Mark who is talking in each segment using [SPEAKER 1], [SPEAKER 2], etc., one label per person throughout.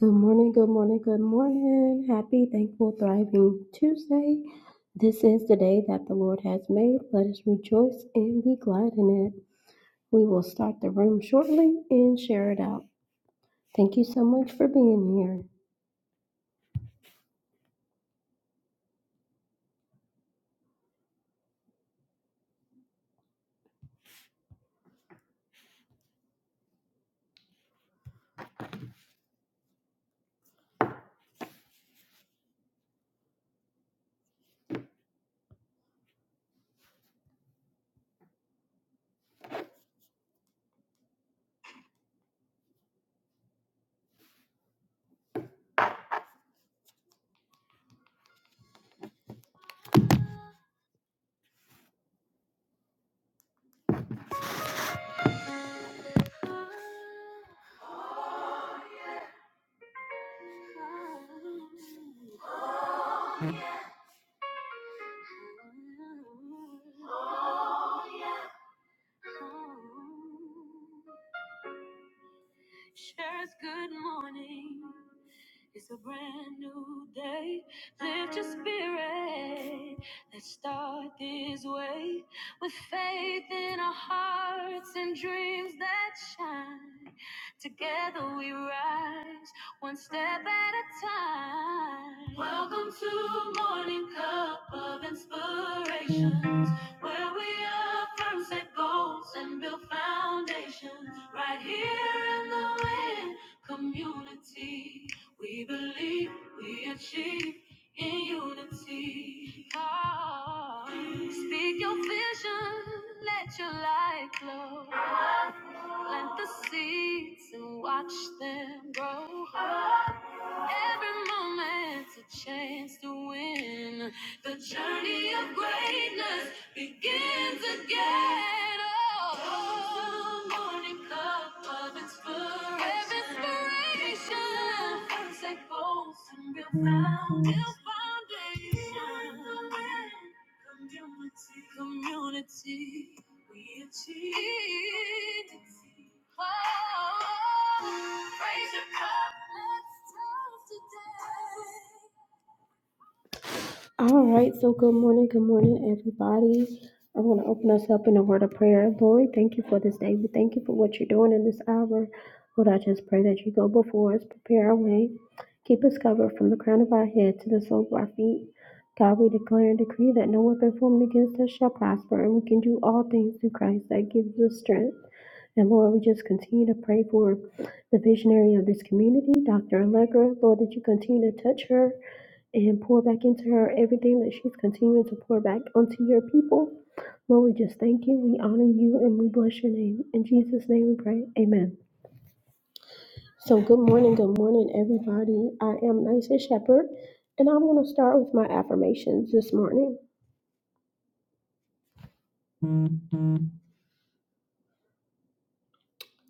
[SPEAKER 1] Good morning, good morning, good morning. Happy, thankful, thriving Tuesday. This is the day that the Lord has made. Let us rejoice and be glad in it. We will start the room shortly and share it out. Thank you so much for being here. All right, so good morning, good morning, everybody. I want to open us up in a word of prayer. Lord, thank you for this day. We thank you for what you're doing in this hour. Lord, I just pray that you go before us, prepare our way, keep us covered from the crown of our head to the sole of our feet. God, we declare and decree that no weapon formed against us shall prosper, and we can do all things through Christ that gives us strength. And Lord, we just continue to pray for the visionary of this community, Dr. Allegra. Lord, that you continue to touch her and pour back into her everything that she's continuing to pour back onto your people. Lord, we just thank you, we honor you, and we bless your name. In Jesus' name we pray. Amen. So, good morning, good morning, everybody. I am Nisa Shepherd, and I'm going to start with my affirmations this morning.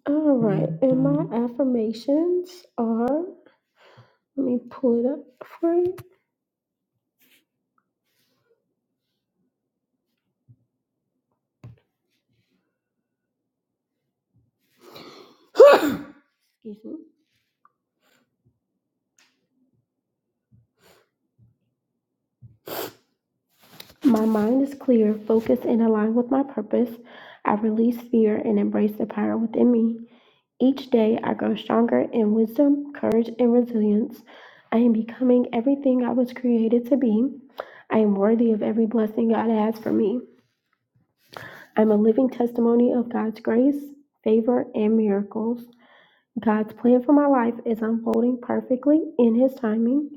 [SPEAKER 1] All right, and my affirmations are let me pull it up for you. Excuse me. My mind is clear, focused, and aligned with my purpose. I release fear and embrace the power within me. Each day I grow stronger in wisdom, courage, and resilience. I am becoming everything I was created to be. I am worthy of every blessing God has for me. I'm a living testimony of God's grace, favor, and miracles. God's plan for my life is unfolding perfectly in His timing.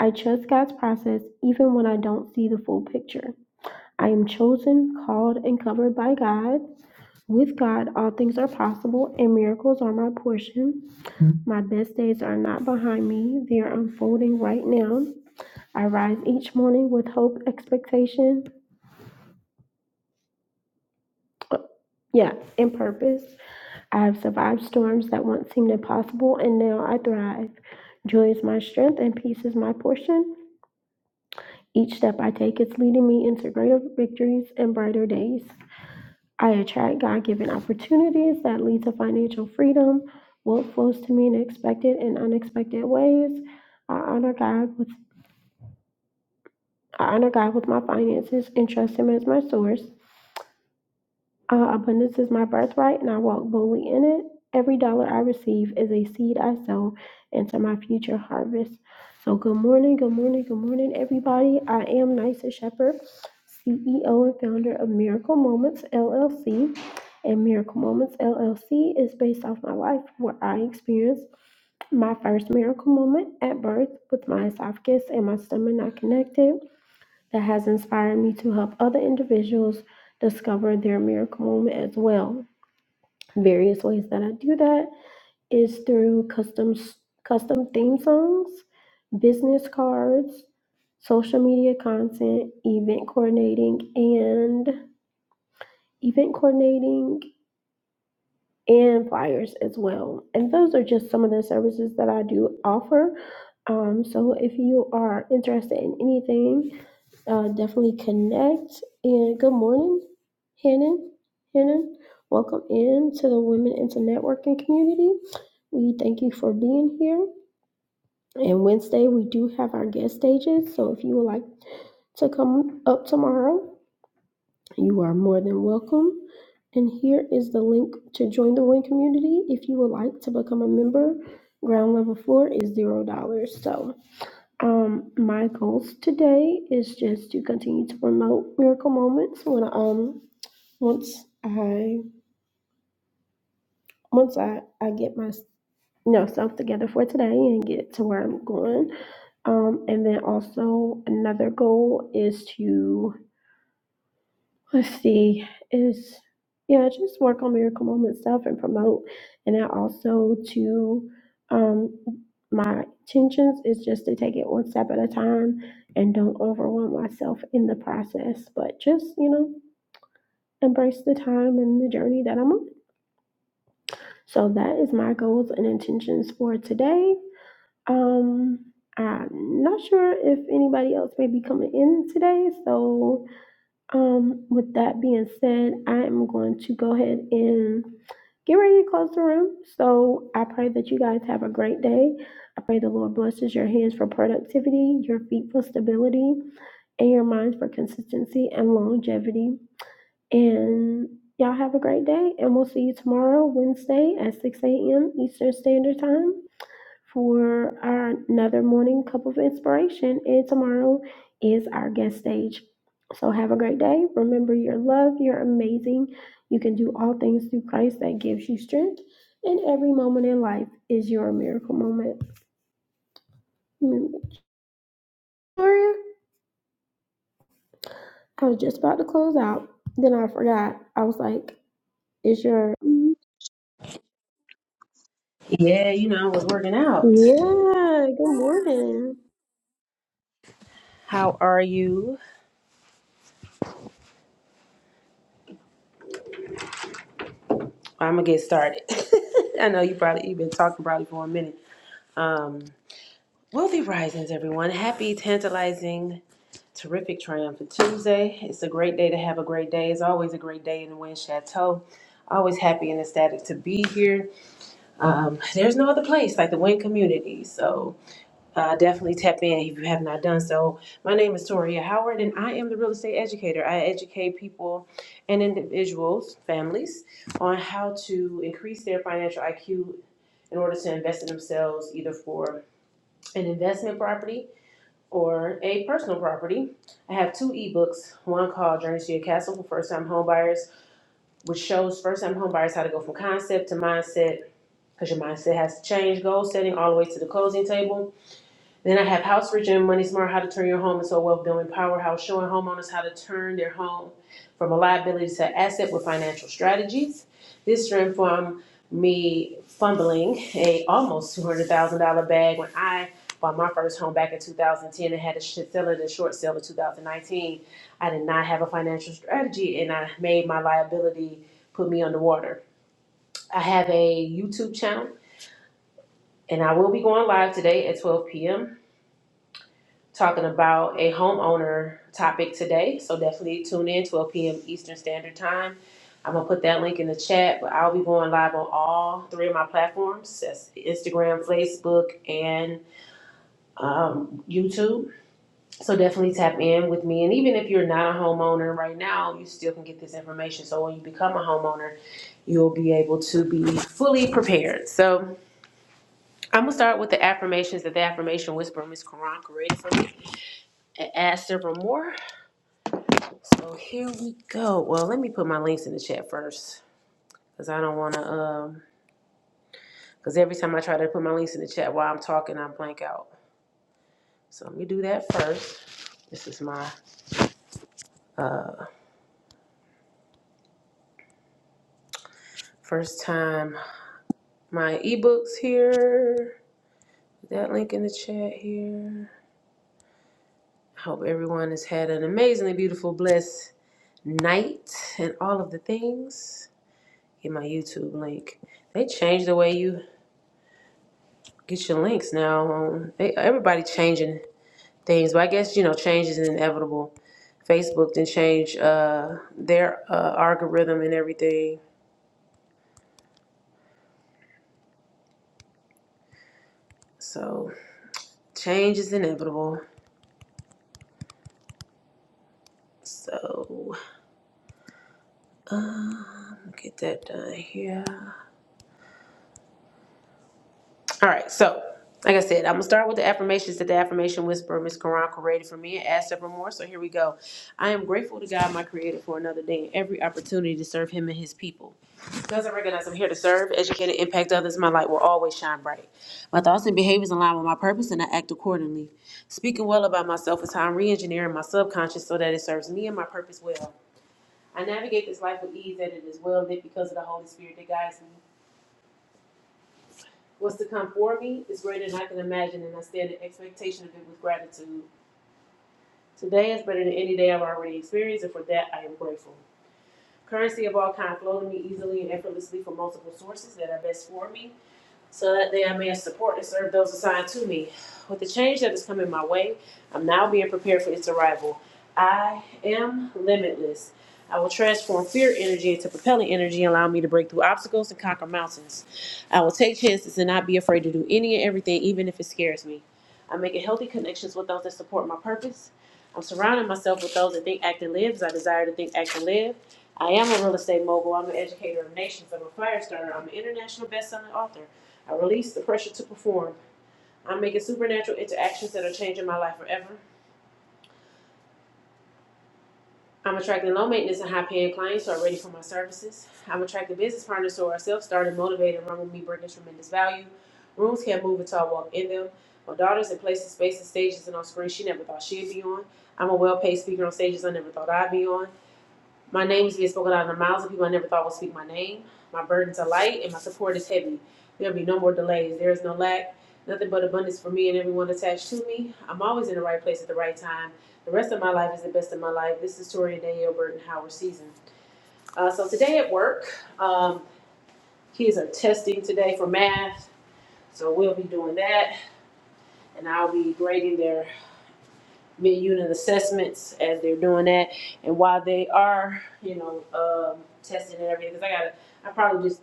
[SPEAKER 1] I trust God's process even when I don't see the full picture. I am chosen, called, and covered by God. With God, all things are possible, and miracles are my portion. My best days are not behind me, they are unfolding right now. I rise each morning with hope, expectation, yeah, and purpose. I have survived storms that once seemed impossible, and now I thrive. Joy is my strength, and peace is my portion. Each step I take is leading me into greater victories and brighter days. I attract God given opportunities that lead to financial freedom. Wealth flows to me in expected and unexpected ways. I honor God with I honor God with my finances and trust Him as my source. Uh, abundance is my birthright, and I walk boldly in it. Every dollar I receive is a seed I sow into my future harvest. So, good morning, good morning, good morning, everybody. I am Nysa Shepherd, CEO and founder of Miracle Moments LLC. And Miracle Moments LLC is based off my life where I experienced my first miracle moment at birth with my esophagus and my stomach not connected that has inspired me to help other individuals discover their miracle moment as well. Various ways that I do that is through custom custom theme songs, business cards, social media content, event coordinating and event coordinating and flyers as well. And those are just some of the services that I do offer. Um, so if you are interested in anything uh, definitely connect. And good morning, Hannon. Hannon, welcome in to the Women into Networking community. We thank you for being here. And Wednesday, we do have our guest stages. So if you would like to come up tomorrow, you are more than welcome. And here is the link to join the WIN community if you would like to become a member. Ground level floor is $0. So um, my goals today is just to continue to promote miracle moments when um once I once I I get my you know self together for today and get to where I'm going. Um, and then also another goal is to let's see, is yeah, just work on miracle moment stuff and promote. And then also to um my intentions is just to take it one step at a time and don't overwhelm myself in the process, but just, you know, embrace the time and the journey that I'm on. So that is my goals and intentions for today. Um I'm not sure if anybody else may be coming in today, so Um, with that being said, I am going to go ahead and get ready to close the room. So I pray that you guys have a great day. I pray the Lord blesses your hands for productivity, your feet for stability, and your minds for consistency and longevity. And y'all have a great day. And we'll see you tomorrow, Wednesday at 6 a.m. Eastern Standard Time for our another morning cup of inspiration. And tomorrow is our guest stage. So have a great day. Remember, your love, You're amazing. You can do all things through Christ that gives you strength. And every moment in life is your miracle moment. Mm, I was just about to close out. Then I forgot. I was like, "Is your yeah?
[SPEAKER 2] Yeah, you know, I was working out.
[SPEAKER 1] Good morning."
[SPEAKER 2] How are you? I'm gonna get started. I know you probably you've been talking probably for a minute. Um, wealthy risings, everyone. Happy, tantalizing, terrific, triumphant Tuesday. It's a great day to have a great day. It's always a great day in the Wind Chateau. Always happy and ecstatic to be here. Um, there's no other place like the Wind community. So. uh, definitely tap in if you have not done so. My name is Toria Howard, and I am the real estate educator. I educate people and individuals, families, on how to increase their financial IQ in order to invest in themselves, either for an investment property or a personal property. I have two ebooks. One called Journey to Your Castle for first-time homebuyers, which shows first-time homebuyers how to go from concept to mindset. Because your mindset has to change, goal setting all the way to the closing table then I have House Rich and Money Smart, How to Turn Your Home into a Wealth Building Powerhouse, showing homeowners how to turn their home from a liability to asset with financial strategies. This stemmed from me fumbling a almost two hundred thousand dollar bag when I bought my first home back in two thousand ten and had to sell it and short sale in two thousand nineteen. I did not have a financial strategy and I made my liability put me underwater. I have a YouTube channel and I will be going live today at twelve p.m. talking about a homeowner topic today. So definitely tune in 12 p.m. Eastern Standard Time. I'm gonna put that link in the chat, but I'll be going live on all three of my platforms. That's Instagram, Facebook, and um, YouTube. So definitely tap in with me. And even if you're not a homeowner right now, you still can get this information. So when you become a homeowner, you'll be able to be fully prepared. So I'm gonna start with the affirmations that the affirmation whisperer Miss Karan created for me and add several more. So here we go. Well, let me put my links in the chat first, cause I don't wanna um, cause every time I try to put my links in the chat while I'm talking, I blank out. So let me do that first. This is my uh first time. My ebooks here. Put That link in the chat here. I hope everyone has had an amazingly beautiful, blessed night and all of the things. Get my YouTube link. They changed the way you get your links now. Um, they, everybody changing things. But I guess you know, change is inevitable. Facebook didn't change uh, their uh, algorithm and everything. So change is inevitable. So uh, get that done here. All right, so like I said, I'm gonna start with the affirmations that the affirmation whisperer, Miss Quran, created for me and add several more. So here we go. I am grateful to God, my Creator, for another day and every opportunity to serve Him and His people. Because I recognize I'm here to serve, educate, and impact others, my light will always shine bright. My thoughts and behaviors align with my purpose, and I act accordingly. Speaking well about myself is how I'm re-engineering my subconscious so that it serves me and my purpose well. I navigate this life with ease, and it is well lit because of the Holy Spirit that guides me. What's to come for me is greater than I can imagine, and I stand in expectation of it with gratitude. Today is better than any day I've already experienced, and for that I am grateful. Currency of all kind flow to me easily and effortlessly from multiple sources that are best for me so that they I may support and serve those assigned to me. With the change that is coming my way, I'm now being prepared for its arrival. I am limitless. I will transform fear energy into propelling energy, allowing me to break through obstacles and conquer mountains. I will take chances and not be afraid to do any and everything, even if it scares me. I'm making healthy connections with those that support my purpose. I'm surrounding myself with those that think, act, and live as I desire to think, act, and live. I am a real estate mogul. I'm an educator of nations. I'm a fire starter. I'm an international best-selling author. I release the pressure to perform. I'm making supernatural interactions that are changing my life forever. I'm attracting low maintenance and high paying clients who are ready for my services. I'm attracting business partners who are self started, motivated, and run with me, bringing tremendous value. Rooms can't move until I walk in them. My daughter's in places, spaces, stages, and on screens she never thought she'd be on. I'm a well paid speaker on stages I never thought I'd be on. My name is being spoken out of the mouths of people I never thought would speak my name. My burdens are light and my support is heavy. There'll be no more delays. There is no lack, nothing but abundance for me and everyone attached to me. I'm always in the right place at the right time. The rest of my life is the best of my life. This is Tori and Danielle Burton Howard season. Uh, so today at work, um, kids are testing today for math. So we'll be doing that and I'll be grading their mid-unit assessments as they're doing that. And while they are, you know, um, testing and everything, because I gotta, I probably just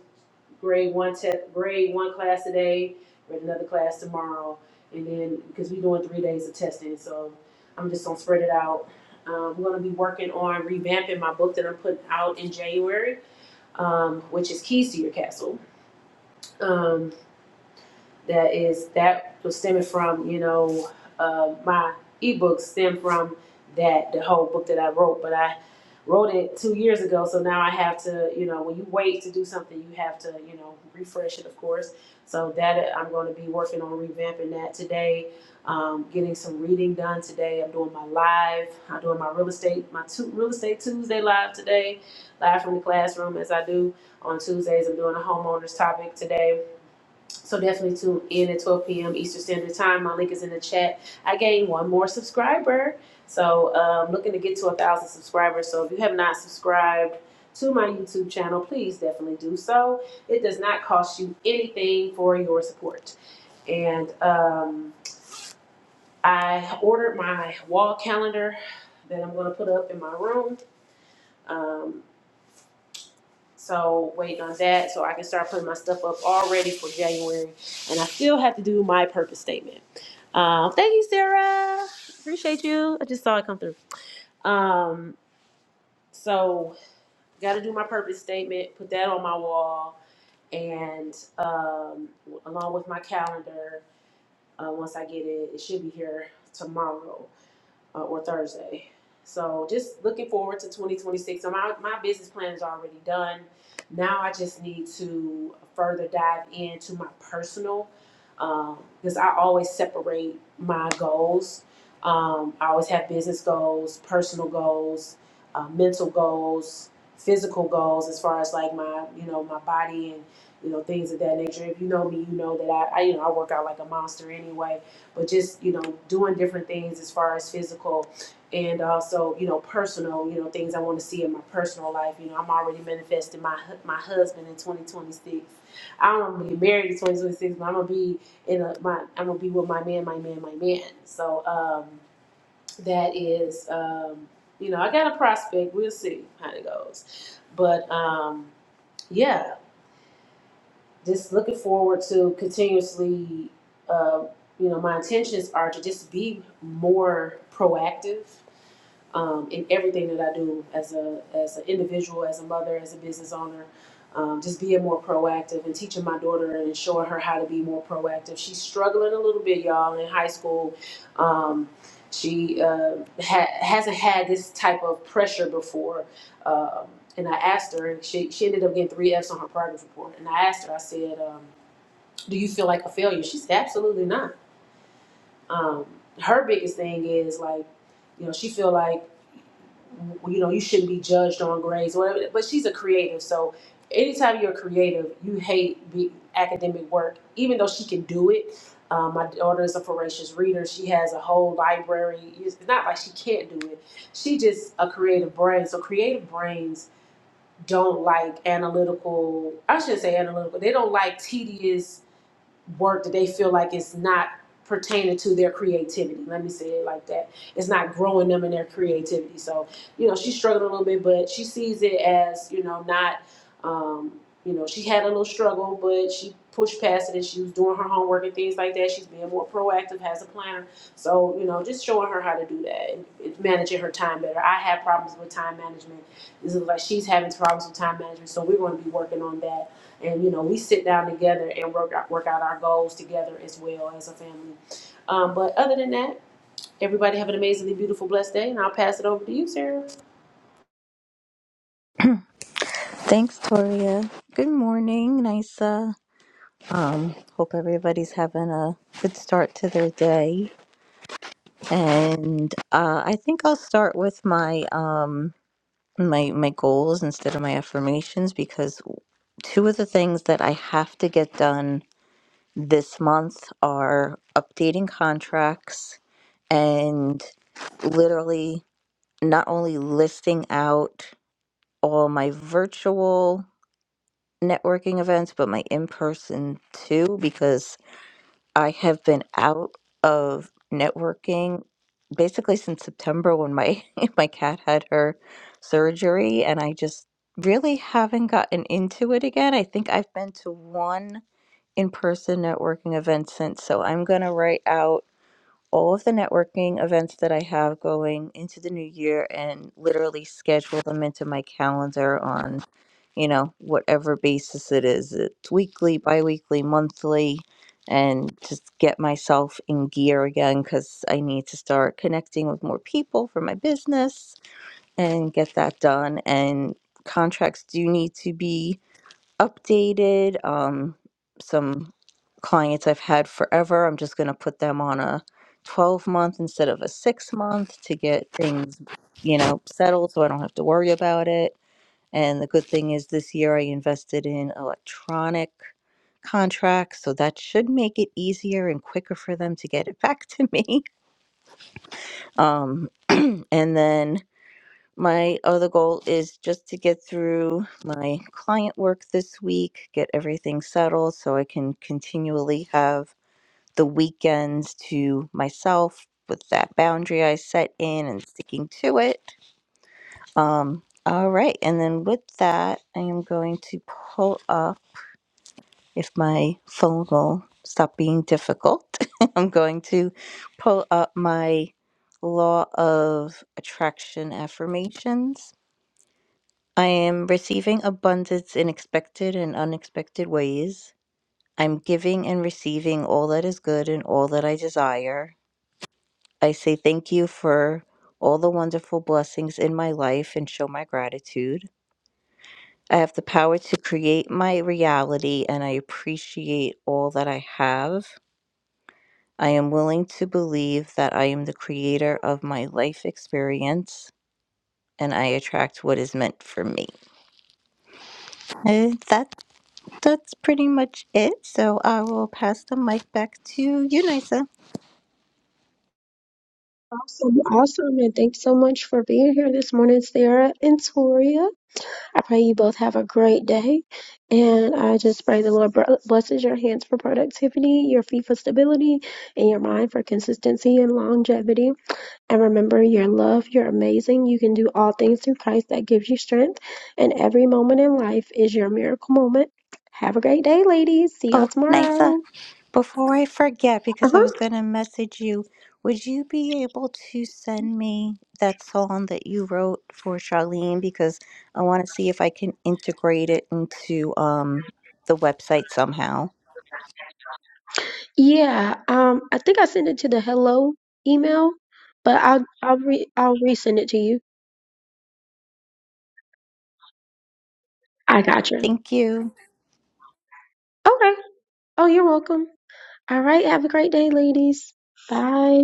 [SPEAKER 2] grade one test, grade one class today, grade another class tomorrow, and then, because we're doing three days of testing, so I'm just gonna spread it out. Um, I'm gonna be working on revamping my book that I'm putting out in January, um, which is Keys to Your Castle. Um, that is that was stemming from you know uh, my ebook stemmed from that the whole book that I wrote, but I wrote it two years ago, so now I have to you know when you wait to do something, you have to you know refresh it, of course. So that I'm going to be working on revamping that today, um, getting some reading done today. I'm doing my live, I'm doing my real estate, my two, real estate Tuesday live today, live from the classroom as I do on Tuesdays. I'm doing a homeowners topic today so definitely tune in at 12 p.m. Eastern Standard Time. My link is in the chat. I gained one more subscriber. So i um, looking to get to a thousand subscribers. So if you have not subscribed to my YouTube channel, please definitely do so. It does not cost you anything for your support. And um, I ordered my wall calendar that I'm going to put up in my room. Um, so waiting on that so I can start putting my stuff up already for January. And I still have to do my purpose statement. Um, thank you, Sarah. Appreciate you. I just saw it come through. Um, so got to do my purpose statement. Put that on my wall, and um, along with my calendar. Uh, once I get it, it should be here tomorrow uh, or Thursday. So just looking forward to 2026. So my, my business plan is already done. Now I just need to further dive into my personal, um, because I always separate my goals. Um, I always have business goals, personal goals, uh, mental goals, physical goals, as far as like my, you know, my body and, you know, things of that nature. If you know me, you know that I, I you know, I work out like a monster anyway but just you know doing different things as far as physical and also you know personal you know things i want to see in my personal life you know i'm already manifesting my hu- my husband in 2026 i don't want to get married in 2026 but i'm gonna be in a my i'm gonna be with my man my man my man so um that is um you know i got a prospect we'll see how it goes but um yeah just looking forward to continuously, uh, you know, my intentions are to just be more proactive um, in everything that I do as a as an individual, as a mother, as a business owner. Um, just being more proactive and teaching my daughter and showing her how to be more proactive. She's struggling a little bit, y'all, in high school. Um, she uh, ha- hasn't had this type of pressure before. Um, and I asked her, and she, she ended up getting three F's on her progress report. And I asked her, I said, um, Do you feel like a failure? She said, Absolutely not. Um, her biggest thing is like, you know, she feel like you know you shouldn't be judged on grades or whatever but she's a creative so anytime you're creative you hate be academic work even though she can do it um, my daughter is a voracious reader she has a whole library it's not like she can't do it she just a creative brain so creative brains don't like analytical i shouldn't say analytical they don't like tedious work that they feel like it's not pertaining to their creativity. Let me say it like that. It's not growing them in their creativity. So, you know, she's struggling a little bit, but she sees it as, you know, not, um, you know, she had a little struggle, but she pushed past it and she was doing her homework and things like that. She's being more proactive, has a planner. So, you know, just showing her how to do that and managing her time better. I have problems with time management it was like she's having problems with time management, so we're going to be working on that. And you know, we sit down together and work out, work out our goals together as well as a family. Um, but other than that, everybody have an amazingly beautiful, blessed day, and I'll pass it over to you, Sarah.
[SPEAKER 3] Thanks, Toria. Good morning, Nisa. Um, hope everybody's having a good start to their day. And uh, I think I'll start with my um my my goals instead of my affirmations because two of the things that I have to get done this month are updating contracts and literally not only listing out all my virtual networking events, but my in person too, because I have been out of networking basically since September when my my cat had her surgery, and I just really haven't gotten into it again. I think I've been to one in person networking event since, so I'm gonna write out all of the networking events that I have going into the new year and literally schedule them into my calendar on, you know, whatever basis it is. It's weekly, bi weekly, monthly, and just get myself in gear again because I need to start connecting with more people for my business and get that done. And contracts do need to be updated. Um, some clients I've had forever, I'm just going to put them on a 12 month instead of a six month to get things, you know, settled so I don't have to worry about it. And the good thing is this year I invested in electronic contracts, so that should make it easier and quicker for them to get it back to me. Um, and then my other goal is just to get through my client work this week, get everything settled so I can continually have the weekends to myself with that boundary I set in and sticking to it. Um, all right. And then with that, I am going to pull up if my phone will stop being difficult. I'm going to pull up my law of attraction affirmations I am receiving abundance in expected and unexpected ways. I'm giving and receiving all that is good and all that I desire. I say thank you for all the wonderful blessings in my life and show my gratitude. I have the power to create my reality and I appreciate all that I have. I am willing to believe that I am the creator of my life experience and I attract what is meant for me. And that's that's pretty much it. So I will pass the mic back to you, Nisa.
[SPEAKER 1] Awesome, awesome, and thanks so much for being here this morning, Sarah and Toria. I pray you both have a great day. And I just pray the Lord blesses your hands for productivity, your feet for stability, and your mind for consistency and longevity. And remember, you're loved, you're amazing, you can do all things through Christ that gives you strength. And every moment in life is your miracle moment. Have a great day, ladies. See y'all
[SPEAKER 3] Oh, Nisa,
[SPEAKER 1] tomorrow.
[SPEAKER 3] before I forget, because I was
[SPEAKER 1] Uh-huh.
[SPEAKER 3] going to message you, would you be able to send me that song that you wrote for Charlene? Because I want to see if I can integrate it into um, the website somehow.
[SPEAKER 1] Yeah, um, I think I sent it to the hello email, but I'll I'll re I'll resend it to you. I gotcha.
[SPEAKER 3] Thank you.
[SPEAKER 1] Okay. Oh, you're welcome. All right. Have a great day, ladies. Bye.